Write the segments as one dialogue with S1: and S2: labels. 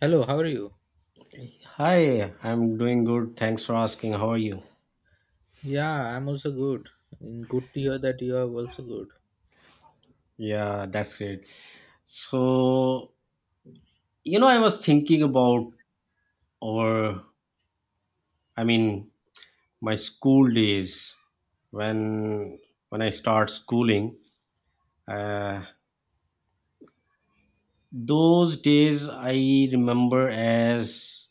S1: Hello, how are you?
S2: Hi, I'm doing good. Thanks for asking. How are you?
S1: Yeah, I'm also good. And good to hear that you are also good.
S2: Yeah, that's great. So, I was thinking about our, I mean, my school days when when I start schooling. Uh, those days I remember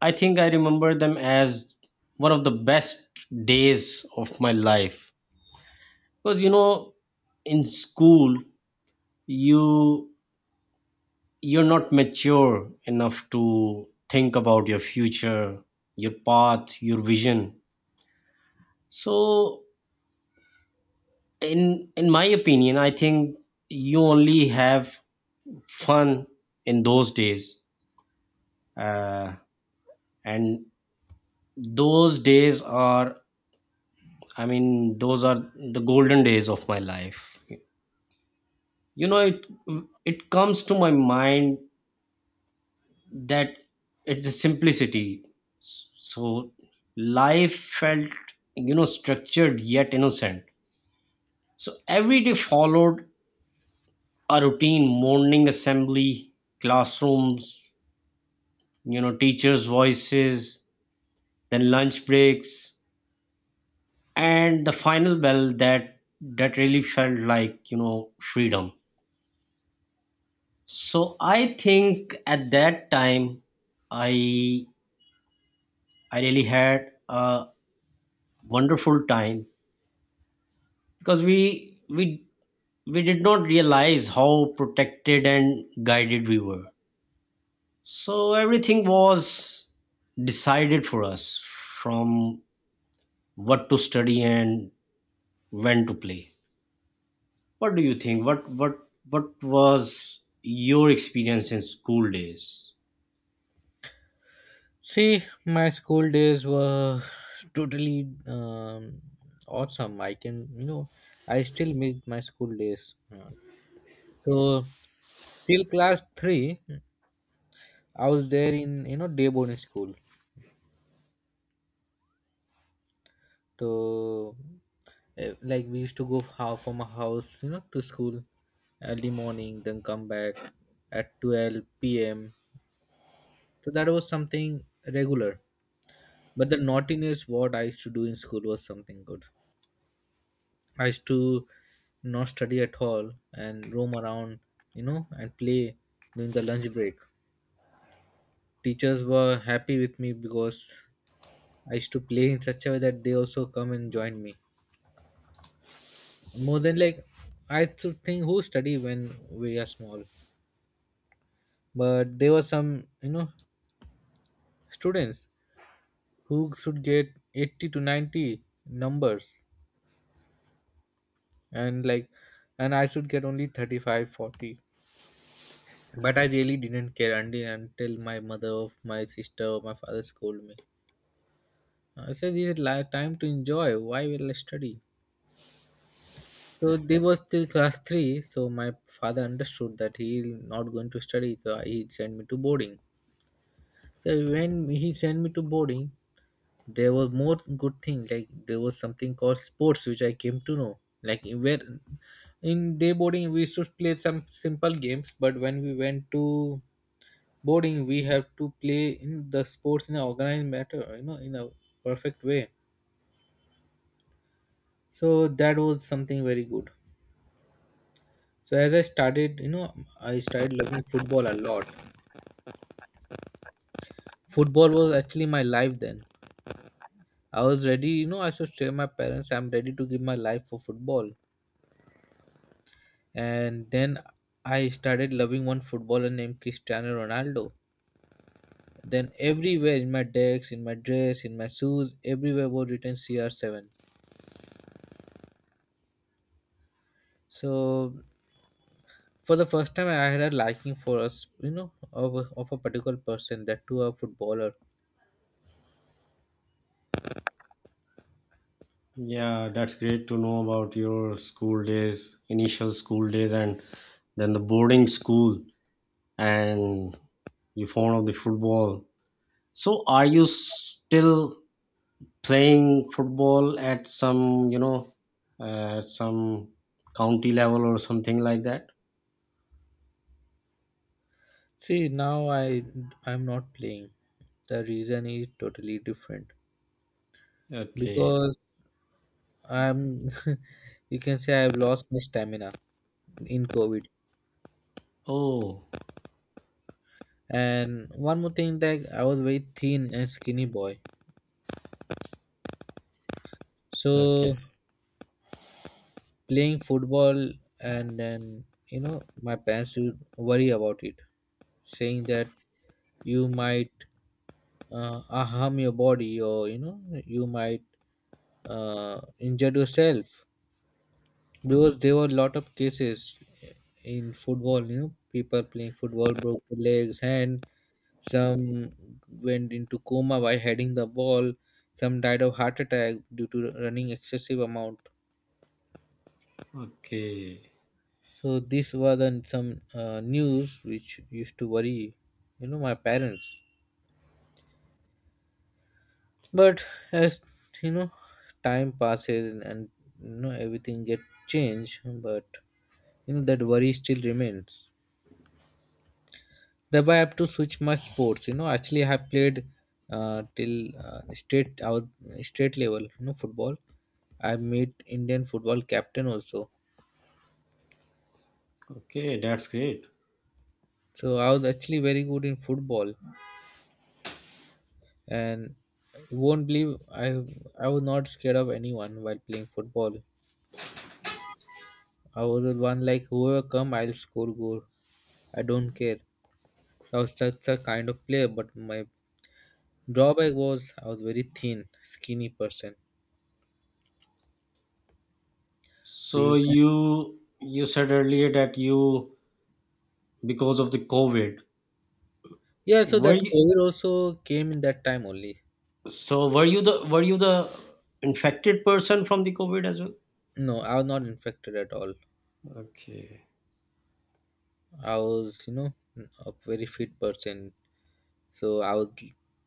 S2: I think I remember them as one of the best days of my life. Because, you know, in school, you you're not mature enough to think about your future, your path, your vision. So in my opinion, I think you only have fun in those days. Uh, and those days are, I mean those are the golden days of my life. You know, it comes to my mind that it's a simplicity. So life felt, you know, structured yet innocent. So every day followed a routine: morning assembly, classrooms, you know, teachers' voices, then lunch breaks, and the final bell that that really felt like, you know, freedom. So I think at that time, i I really had a wonderful time, because we did not realize how protected and guided we were. So everything was decided for us, from what to study and when to play. What do you think, what was your experience in school days?
S1: See, my school days were totally awesome. I can, you know, I still miss my school days. So, Till class 3, I was there in, you know, day boarding school. So, like, we used to go from a house, you know, to school early morning, then come back at 12 p.m. So that was something regular. But the naughtiness what I used to do in school was something good. I used to not study at all and roam around, you know, and play during the lunch break. Teachers were happy with me because I used to play in such a way that they also come and join me. More than like I used to think who study when we are small. But there were some, you know, students who should get 80 to 90 numbers, and like and I should get only 35, 40. But I really didn't care until my mother or my sister or my father scolded me. I said this is time to enjoy, why will I study? So they was still class 3, so my father understood that he not going to study, so he sent me to boarding. So when he sent me to boarding, there were more good things, like there was something called sports which I came to know, like where in day boarding we used to play some simple games, but when we went to boarding we have to play in the sports in an organized matter, you know, in a perfect way. So that was something very good. So as I started, you know, I started loving football a lot. Football was actually my life then. I was ready, you know, I should tell my parents I'm ready to give my life for football. And then I started loving one footballer named Cristiano Ronaldo. Then everywhere in my decks, in my dress, in my shoes, everywhere was written CR7. So for the first time, I had a liking for us, you know, of a particular person, that to a footballer.
S2: Yeah, that's great to know about your school days, initial school days, and then the boarding school, and you found out the football. So are you still playing football at some, you know, some county level or something like that?
S1: See, now I'm not playing. The reason is totally different
S2: Okay.
S1: because I'm, you can say I've lost my stamina in COVID.
S2: Oh,
S1: And one more thing that I was very thin and skinny boy.
S2: okay.
S1: So playing football, and then you know my parents would worry about it, saying that you might harm your body, or you know you might injure yourself. Because there were a lot of cases in football, you know, people playing football broke their legs, hand, some went into coma by heading the ball, some died of heart attack due to running excessive amount.
S2: Okay.
S1: So these were the some news which used to worry, you know, my parents. But as you know, time passes and you know everything get changed, but you know that worry still remains. Thereby I have to switch my sports. You know, actually I have played till state level. You know, football. I made Indian football captain also.
S2: Okay, that's great.
S1: So I was actually very good in football, and you won't believe I was not scared of anyone while playing football. I was the one, like whoever come I'll score goal. I don't care. I was such a kind of player, but my drawback was I was very thin, skinny person. So
S2: So
S1: you
S2: you said earlier that you, because of the COVID,
S1: yeah, so
S2: were
S1: that
S2: you,
S1: COVID also came in that time only.
S2: so were you the, were you the infected person from the COVID as well?
S1: No, I was not infected at all.
S2: Okay.
S1: I was, you know, a very fit person. So I was,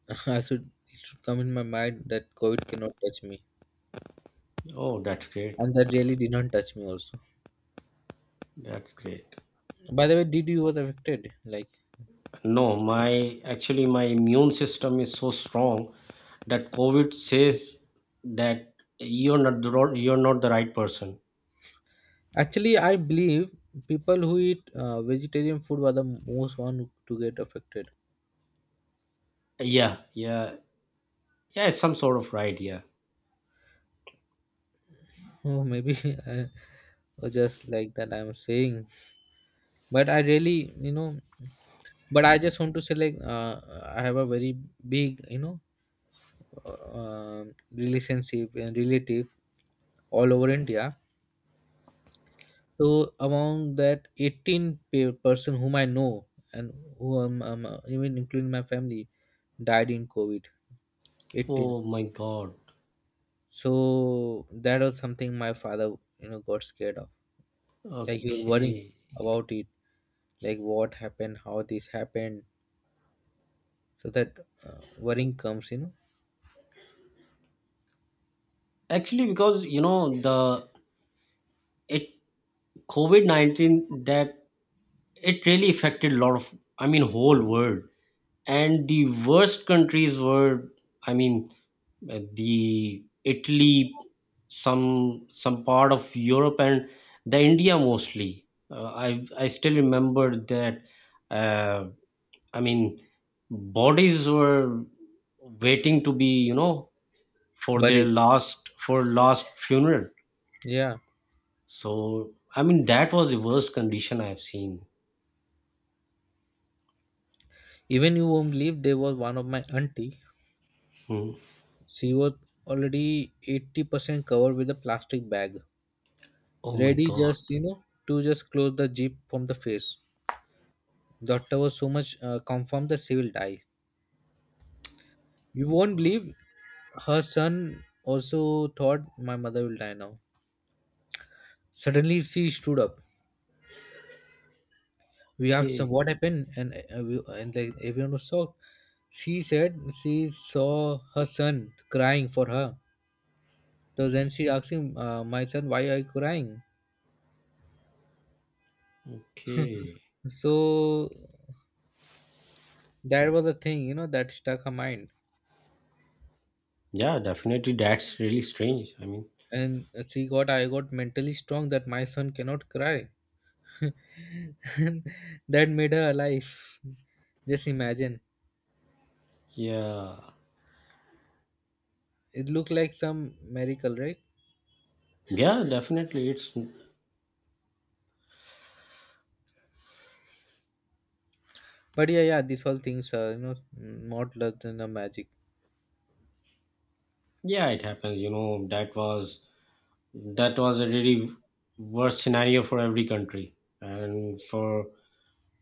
S1: I should, it should come in my mind that COVID cannot touch me.
S2: Oh, that's great.
S1: And that really did not touch me also.
S2: That's great.
S1: By the way, did you was affected? Like,
S2: No, my actually my immune system is so strong that COVID says that you're not the right person.
S1: actually, I believe people who eat vegetarian food were the most one to get affected.
S2: Yeah, yeah, yeah, it's some sort of right. Yeah.
S1: Oh, maybe I, or just like that I'm saying. But I really you know, but I just want to say like I have a very big you know uh, relationship and relative all over India. So among that 18 person whom I know, and who even including my family, died in COVID. 18.
S2: Oh my God.
S1: So that was something my father, you know, got scared of. Like he was worrying
S2: Okay.
S1: about it, like what happened, how this happened. So that worrying comes, you know.
S2: Actually, because you know the it COVID 19, that it really affected a lot of, I mean, whole world. And the worst countries were, I mean, the Italy, some part of Europe, and the India mostly. I still remember that. Uh, I mean, bodies were waiting to be, you know, for
S1: But
S2: their
S1: it,
S2: last funeral.
S1: yeah,
S2: So I mean that was the worst condition I've seen.
S1: even you won't believe there was one of my auntie.
S2: Hmm.
S1: She was already 80% covered with a plastic bag,
S2: Oh my
S1: ready
S2: God.
S1: just, you know, to just close the jeep from the face. Doctor was so much confirmed that she will die. You won't believe her son also thought my mother will die now. Suddenly she stood up. We asked her
S2: Okay.
S1: what happened, and we, and like everyone was shocked. She said she saw her son crying for her. So then she asked him, my son, why are you crying?
S2: Okay.
S1: So that was the thing, you know, that stuck her mind.
S2: Yeah, definitely. That's really strange. I mean,
S1: And she got, I got mentally strong that my son cannot cry. And that made her alive. Just imagine.
S2: yeah,
S1: It looked like some miracle, right?
S2: yeah, definitely. It's,
S1: But yeah, yeah, these all things are, you know, more luck than a magic.
S2: yeah, it happens. You know, that was, that was a really worst scenario for every country, and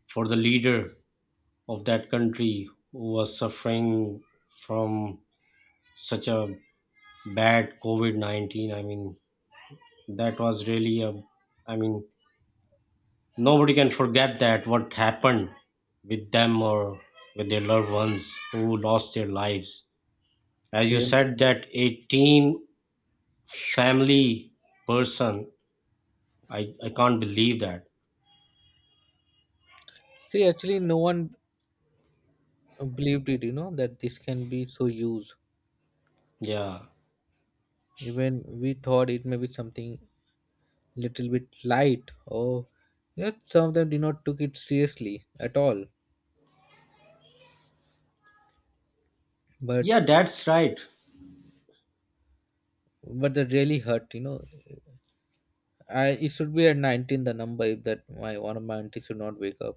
S2: for the leader of that country who was suffering from such a bad COVID-19. I mean, that was really a, I mean, nobody can forget that what happened with them or with their loved ones who lost their lives. As you
S1: Really.
S2: said that 18 family person, I can't believe that.
S1: See, actually, no one believed it, you know, that this can be so used.
S2: Yeah.
S1: Even we thought it may be something little bit light, or you know some of them did not took it seriously at all, but
S2: Yeah, that's right.
S1: but that really hurt, you know. I, it should be at 19 the number if that my one of my aunties should not wake up.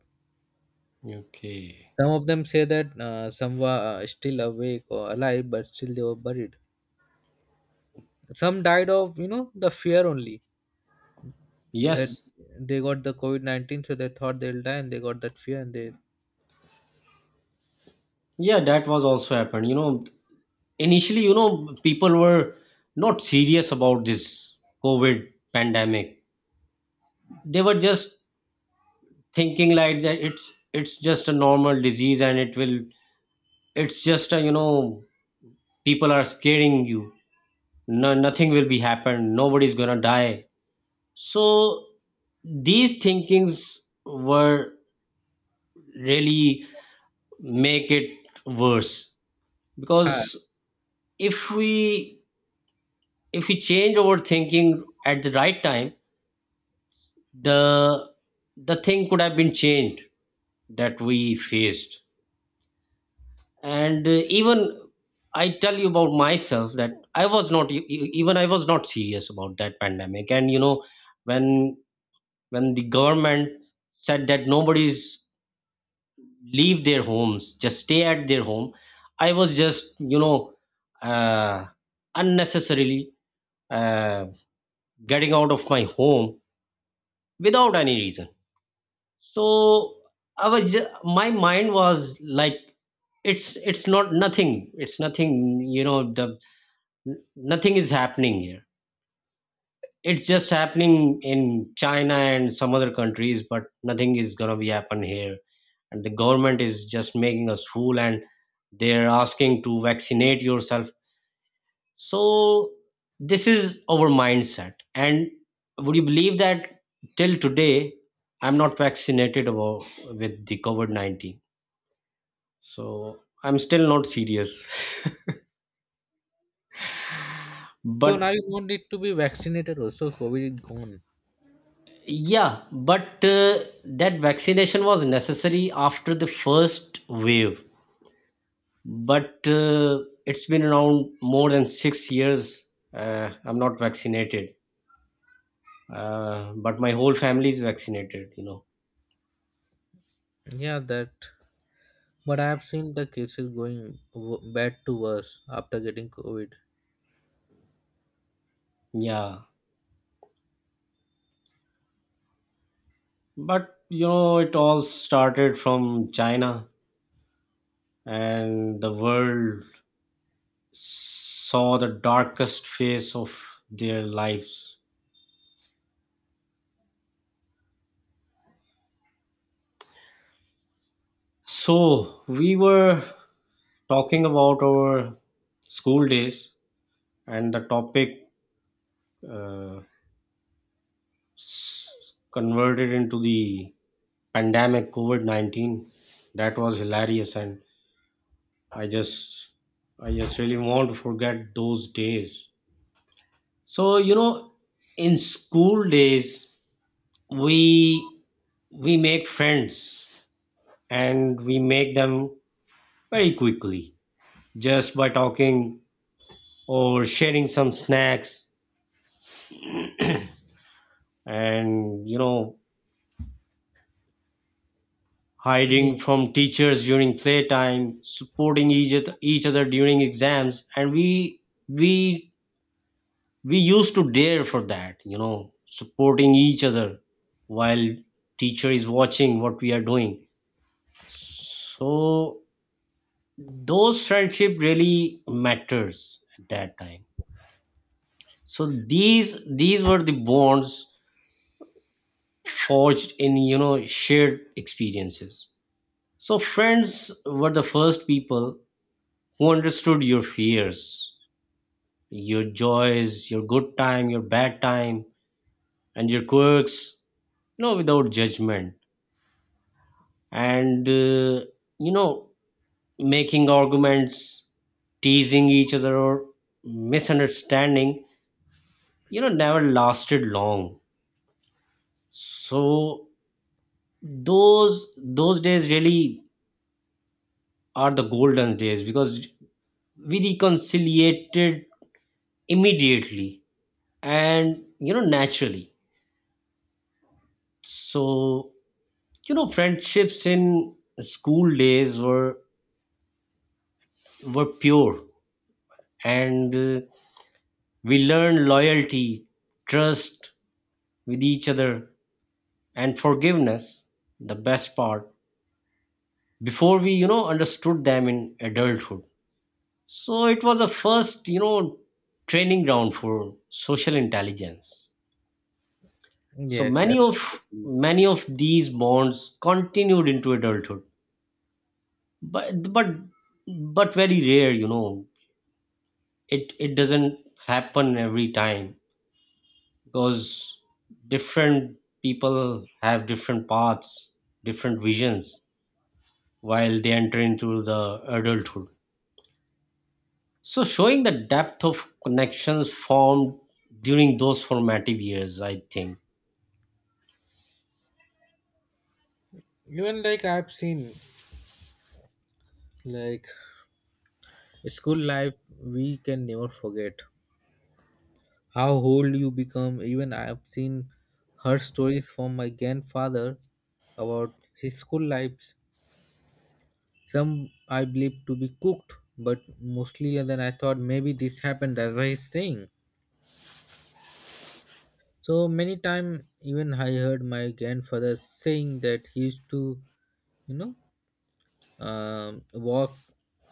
S2: Okay.
S1: Some of them say that some were still awake or alive but still they were buried. Some died of you know the fear only, that
S2: Yes.
S1: they got the COVID-19, so they thought they'll die and they got that fear, and they
S2: Yeah, that was also happened. You know, initially, you know, people were not serious about this COVID pandemic. They were just thinking like that it's just a normal disease, and it will, it's just a, you know, people are scaring you. No, nothing will be happen. Nobody's gonna die. So these thinkings were really make it worse,
S1: yeah,
S2: because if we if we change our thinking at the right time, the the thing could have been changed that we faced. And even I tell you about myself, that I was not even I was not serious about that pandemic. And you know, when when the government said that nobody's leave their homes, just stay at their home, I was just, you know, uh, unnecessarily uh, getting out of my home without any reason. So I was my mind was like it's, it's nothing, it's nothing, you know, the nothing is happening here, it's just happening in China and some other countries, but nothing is going to be happen here, and the government is just making us fool and they're asking to vaccinate yourself. So this is our mindset. And would you believe that till today I'm not vaccinated about, with the COVID 19? So I'm still not serious.
S1: so now
S2: but
S1: you don't need to be vaccinated also, COVID is gone.
S2: yeah, but that vaccination was necessary after the first wave. But it's been around more than six years. I'm not vaccinated. But my whole family is vaccinated, you know.
S1: Yeah, that but I have seen the cases going bad to worse after getting COVID.
S2: Yeah. But you know, it all started from China, and the world saw the darkest phase of their lives. So, we were talking about our school days, and the topic uh, converted into the pandemic COVID 19. That was hilarious, and I just, I just really want to forget those days. So, you know, in school days, we we make friends, and we make them very quickly, just by talking or sharing some snacks and, you know,
S1: Yeah.
S2: hiding from teachers during playtime, supporting each other during exams. And we we used to dare for that, you know, supporting each other while teacher is watching what we are doing. So those friendship really matters at that time. So these were the bonds forged in, you know, shared experiences. So friends were the first people who understood your fears, your joys, your good time, your bad time, and your quirks, you know, without judgment. And you know, making arguments, teasing each other, or misunderstanding, you know, never lasted long. So those those days really are the golden days, because we reconciliated immediately, and, you know, naturally. So you know, friendships in school days were pure, and we learned loyalty, trust with each other, and forgiveness, the best part, before we, you know, understood them in adulthood. So it was a first, you know, training ground for social intelligence. So
S1: Yes, absolutely.
S2: many of these bonds continued into adulthood, but but very rare, you know. It doesn't happen every time, because different people have different paths, different visions while they enter into the adulthood. So showing the depth of connections formed during those formative years, I think.
S1: Even like I've seen, like school life, we can never forget how old you become. Even I have seen her stories from my grandfather about his school lives. Some I believe to be cooked, but mostly than I thought maybe this happened. That's why he's saying. So many time even I heard my grandfather saying that he used to, you know, walk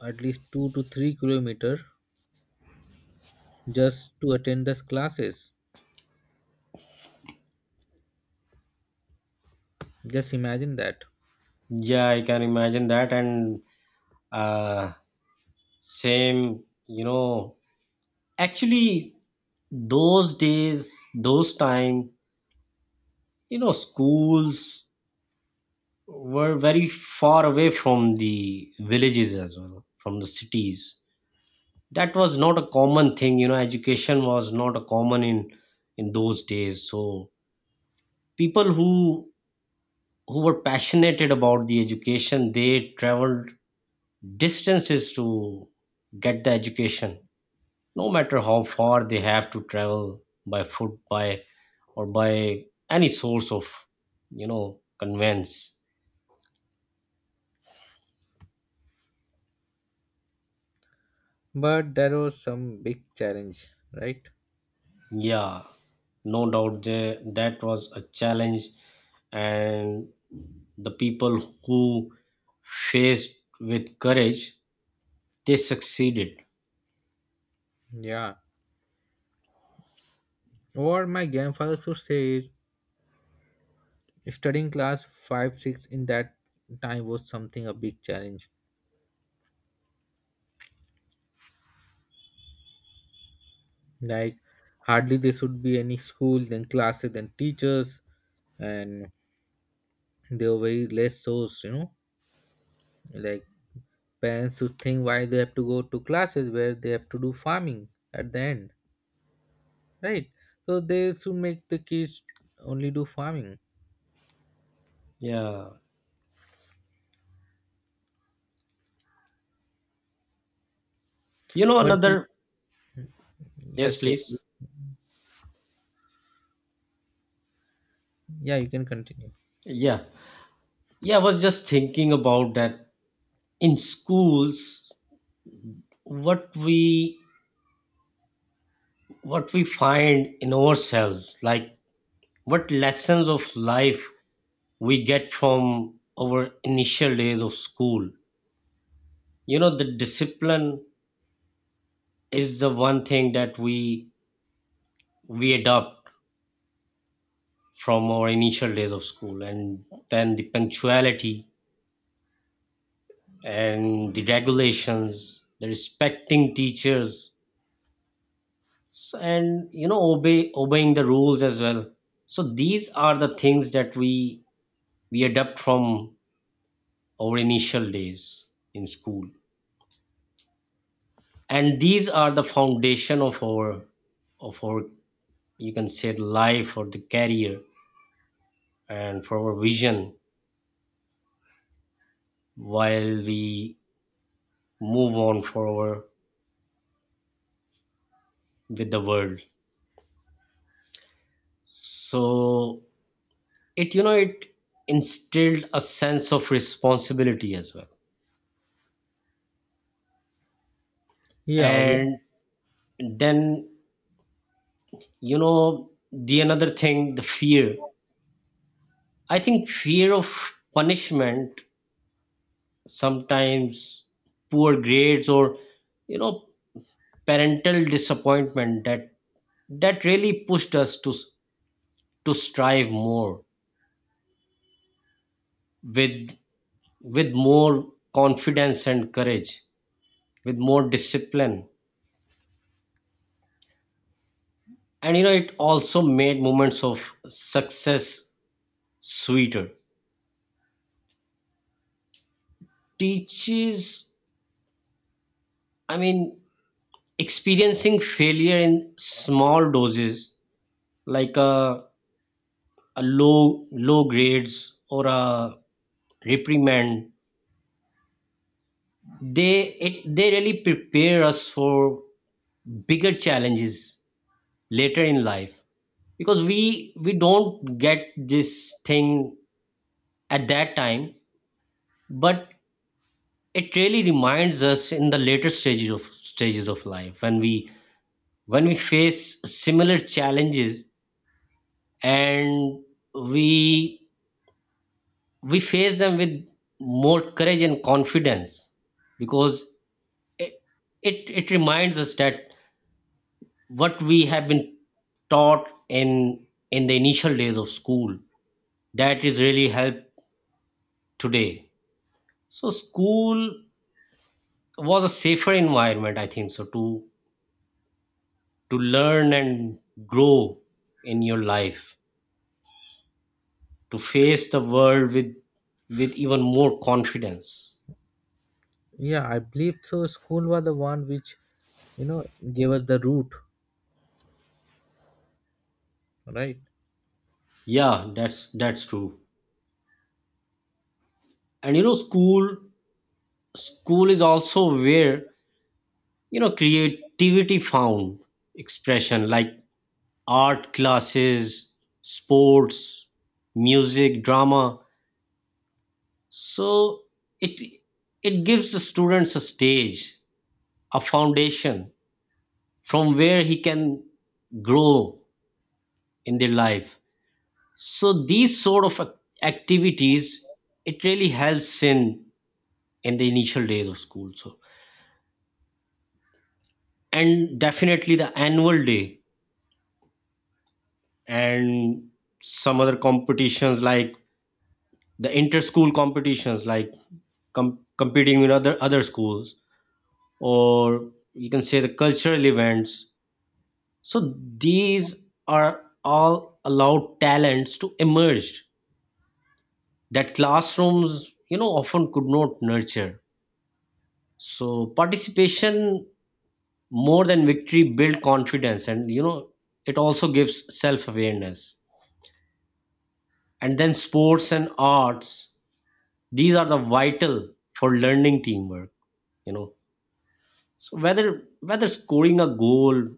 S1: at least 2 to 3 kilometer just to attend those classes. Just imagine that.
S2: Yeah, I can imagine that. And uh, same, you know, actually, those days, those time, you know, schools were very far away from the villages as well, from the cities. That was not a common thing, you know, education was not a common in those days. So people who were passionate about the education, they traveled distances to get the education, no matter how far they have to travel by foot, by or by any source of, you know, conveyance.
S1: But there was some big challenge, right?
S2: Yeah, no doubt there, that was a challenge, and the people who faced with courage, they succeeded.
S1: Yeah. Or my grandfather should say is studying class 5 6 in that time was something a big challenge. Like hardly there should be any school, then classes, then teachers, and they were very less source, you know. Like parents should think why they have to go to classes where they have to do farming at the end, right? So they should make the kids only do farming.
S2: Yeah, you know,
S1: But
S2: another, yes
S1: yes,
S2: please,
S1: yeah, you can continue.
S2: yeah, yeah I was just thinking about that. In schools, what we what we find in ourselves, like what lessons of life we get from our initial days of school. You know, the discipline is the one thing that we adopt from our initial days of school, and then the punctuality and the regulations, the respecting teachers, and you know, obeying the rules as well. So these are the things that we adopt from our initial days in school, and these are the foundation of our of our, you can say, the life or the career, and for our vision while we move on forward with the world. So it, you know, it instilled a sense of responsibility as well.
S1: Yeah,
S2: And
S1: obviously.
S2: then, you know, the another thing, the fear, I think fear of punishment sometimes, poor grades, or, you know, parental disappointment, that that really pushed us to strive more, with with more confidence and courage, with more discipline. And you know, it also made moments of success sweeter. Teaches, I mean, experiencing failure in small doses, like a low grades or a reprimand, they it, they really prepare us for bigger challenges later in life. Because we don't get this thing at that time, but it really reminds us in the later stages of life, when we face similar challenges, and we we face them with more courage and confidence. Because it, it reminds us that what we have been taught in the initial days of school, that is really helped today. So school was a safer environment, I think so, to learn and grow in your life, to face the world with even more confidence.
S1: Yeah, I believe so, school was the one which, you know, gave us the root, right?
S2: Yeah, that's true. And you know, school is also where you know creativity found expression like art classes, sports, music, drama, so it it gives the students a stage, a foundation from where he can grow in their life. So these sort of activities, it really helps in the initial days of school. So and definitely the annual day and some other competitions like the inter-school competitions, like competing with other schools, or you can say the cultural events. So these are all allowed talents to emerge that classrooms, you know, often could not nurture. So participation more than victory build confidence, and you know it also gives self-awareness. And then sports and arts, these are the vital for learning teamwork, you know. So whether scoring a goal,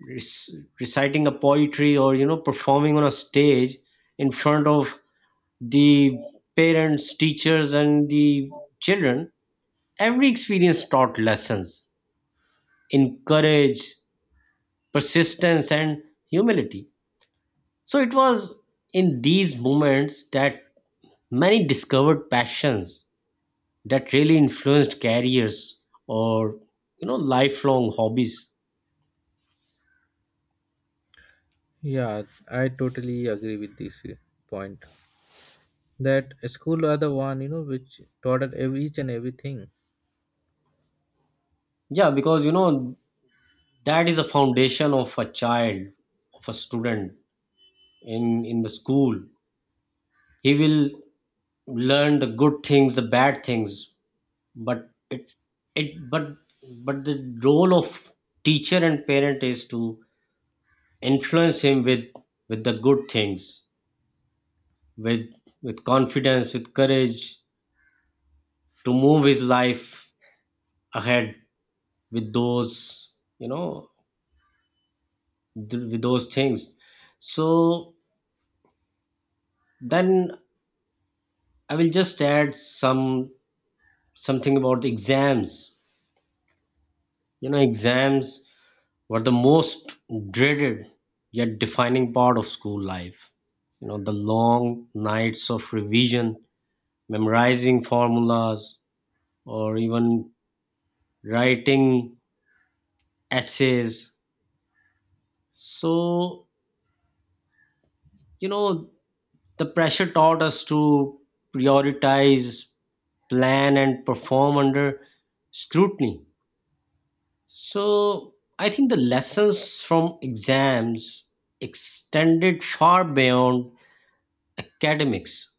S2: reciting a poetry, or you know performing on a stage in front of the parents, teachers, and the children, every experience taught lessons in courage, persistence, and humility. So it was in these moments that many discovered passions that really influenced careers or you know lifelong hobbies.
S1: Yeah, I totally agree with this point, that school are the one, you know, which taught us each and everything.
S2: Yeah, because you know that is a foundation of a child, of a student in the school. He will learn the good things, the bad things, but it but the role of teacher and parent is to influence him with the good things, with confidence, with courage, to move his life ahead with those, you know, with those things. So then I will just add some something about the exams. You know, exams were the most dreaded yet defining part of school life. You know, the long nights of revision, memorizing formulas, or even writing essays. So, you know, the pressure taught us to prioritize, plan, and perform under scrutiny. So, I think the lessons from exams extended far beyond academics.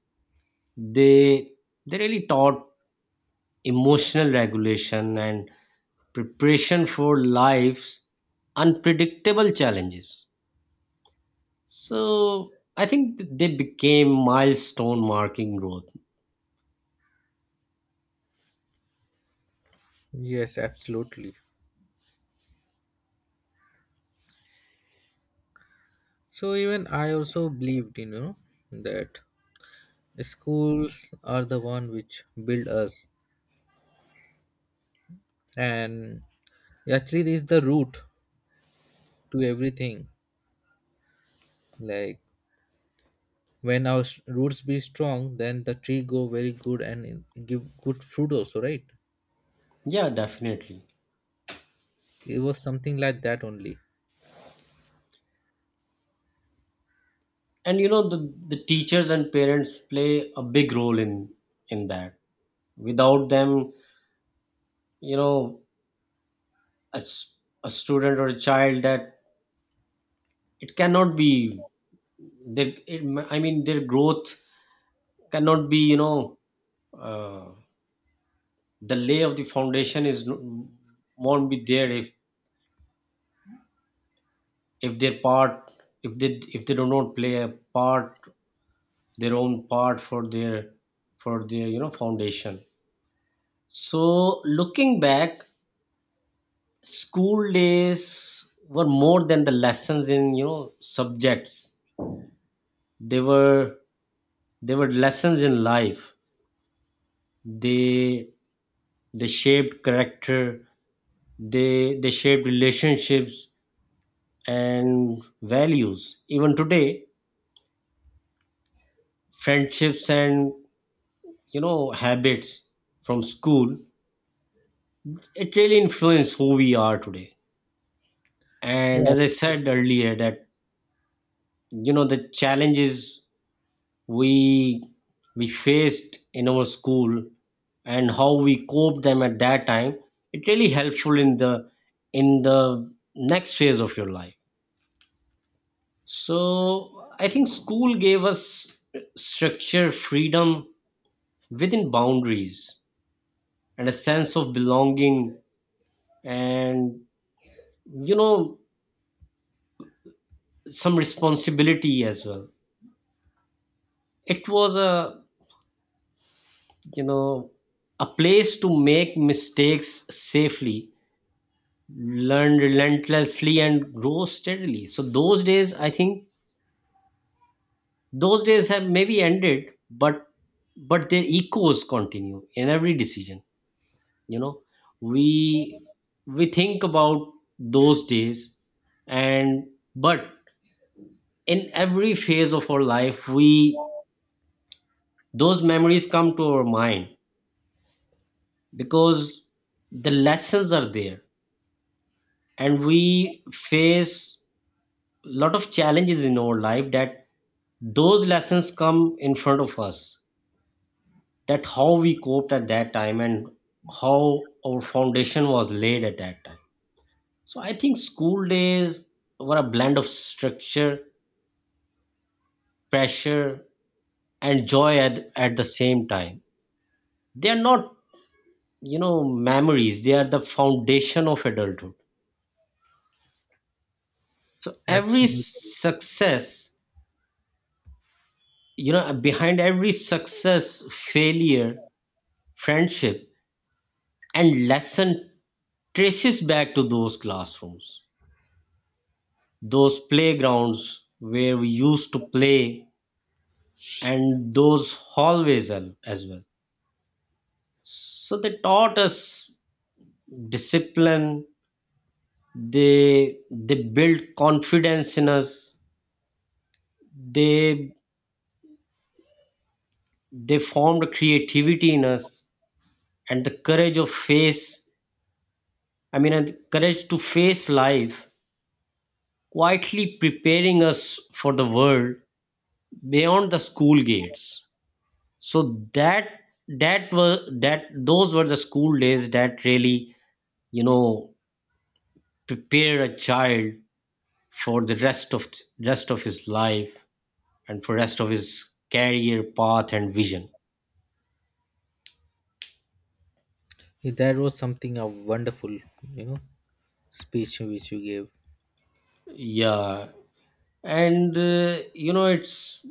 S2: They they really taught emotional regulation and preparation for life's unpredictable challenges. So I think they became milestone marking growth.
S1: Yes, absolutely. So even I also believed, you know, that schools are the one which build us, and actually this is the root to everything. Like when our roots be strong, then the tree go very good and it give good fruit also, right?
S2: Yeah, definitely.
S1: It was something like that only.
S2: And you know the teachers and parents play a big role in that. Without them, you know, a, s- a student or a child, that it cannot be, they it, I mean their growth cannot be, you know, uh, the lay of the foundation is won't be there if their part if they if they do not play a part, their own part, for their you know foundation. So looking back, school days were more than the lessons in you know subjects. They were they were lessons in life. They they shaped character, they shaped relationships and values. Even today, friendships and you know habits from school, it really influences who we are today. And
S1: Yeah,
S2: as I said earlier that you know the challenges we we faced in our school and how we cope them at that time, it really helpful in the next phase of your life. So I think school gave us structure, freedom within boundaries, and a sense of belonging, and you know some responsibility as well. It was a, you know, a place to make mistakes safely, learn relentlessly, and grow steadily. So those days, I think those days have maybe ended, but their echoes continue in every decision. You know, we we think about those days, and but in every phase of our life, we those memories come to our mind, because the lessons are there, and we face a lot of challenges in our life that those lessons come in front of us, that how we coped at that time and how our foundation was laid at that time. So I think school days were a blend of structure, pressure, and joy. At the same time, they are not, you know, memories. They are the foundation of adulthood. So every
S1: absolutely.
S2: success, you know, behind every success, failure, friendship, and lesson, traces back to those classrooms, those playgrounds where we used to play, and those hallways as well. So they taught us discipline, they built confidence in us, they they formed creativity in us, and the courage of face, I mean and the courage to face life, quietly preparing us for the world beyond the school gates. So that that were that those were the school days that really you know prepare a child for the rest of his life, and for rest of his career path and vision.
S1: That was something a wonderful, you know, speech which you gave.
S2: Yeah, and you know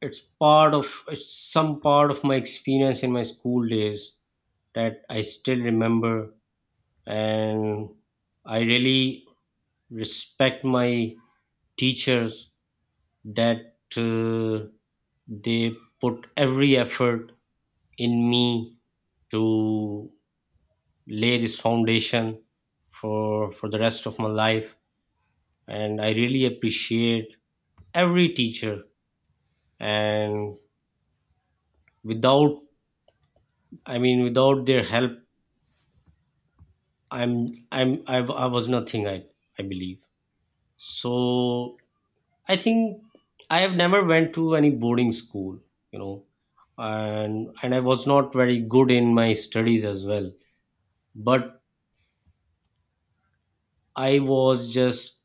S2: it's it's some part of my experience in my school days that I still remember. And I really respect my teachers, that they put every effort in me to lay this foundation for the rest of my life. And I really appreciate every teacher. And without, I mean without their help, I was nothing. I I believe so. I think I have never went to any boarding school, you know, and I was not very good in my studies as well. But I was just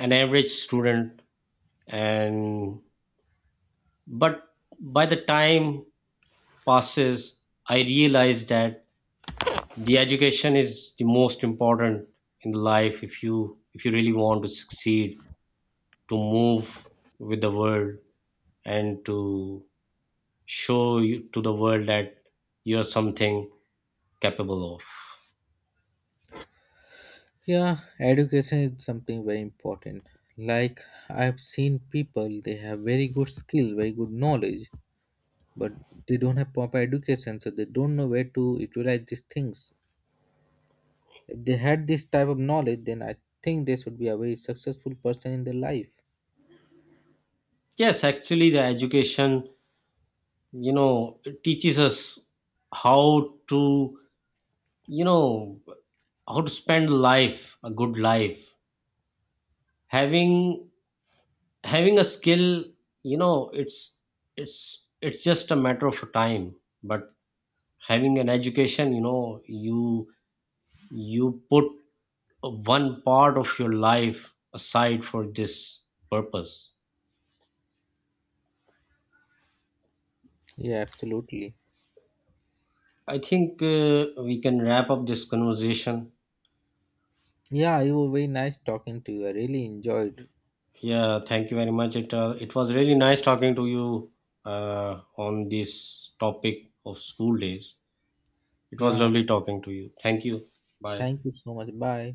S2: an average student, and but by the time passes, I realized that the education is the most important in life. If you if you really want to succeed, to move with the world, and to show you, to the world, that you're something capable of.
S1: Yeah, education is something very important. Like I've seen people, they have very good skill, very good knowledge, but they don't have proper education, so they don't know where to utilize these things. If they had this type of knowledge, then I think they should be a very successful person in their life.
S2: Yes, actually, the education, you know, teaches us how to, you know, how to spend life, a good life. Having having a skill, you know, it's it's just a matter of time. But having an education, you know, you put one part of your life aside for this purpose.
S1: Yeah, absolutely.
S2: I think we can wrap up this conversation.
S1: Yeah, it was very nice talking to you. I really enjoyed.
S2: Yeah, thank you very much. It it was really nice talking to you on this topic of school days. It was
S1: Yeah,
S2: lovely talking to you. Thank you. Bye.
S1: thank you so much. Bye.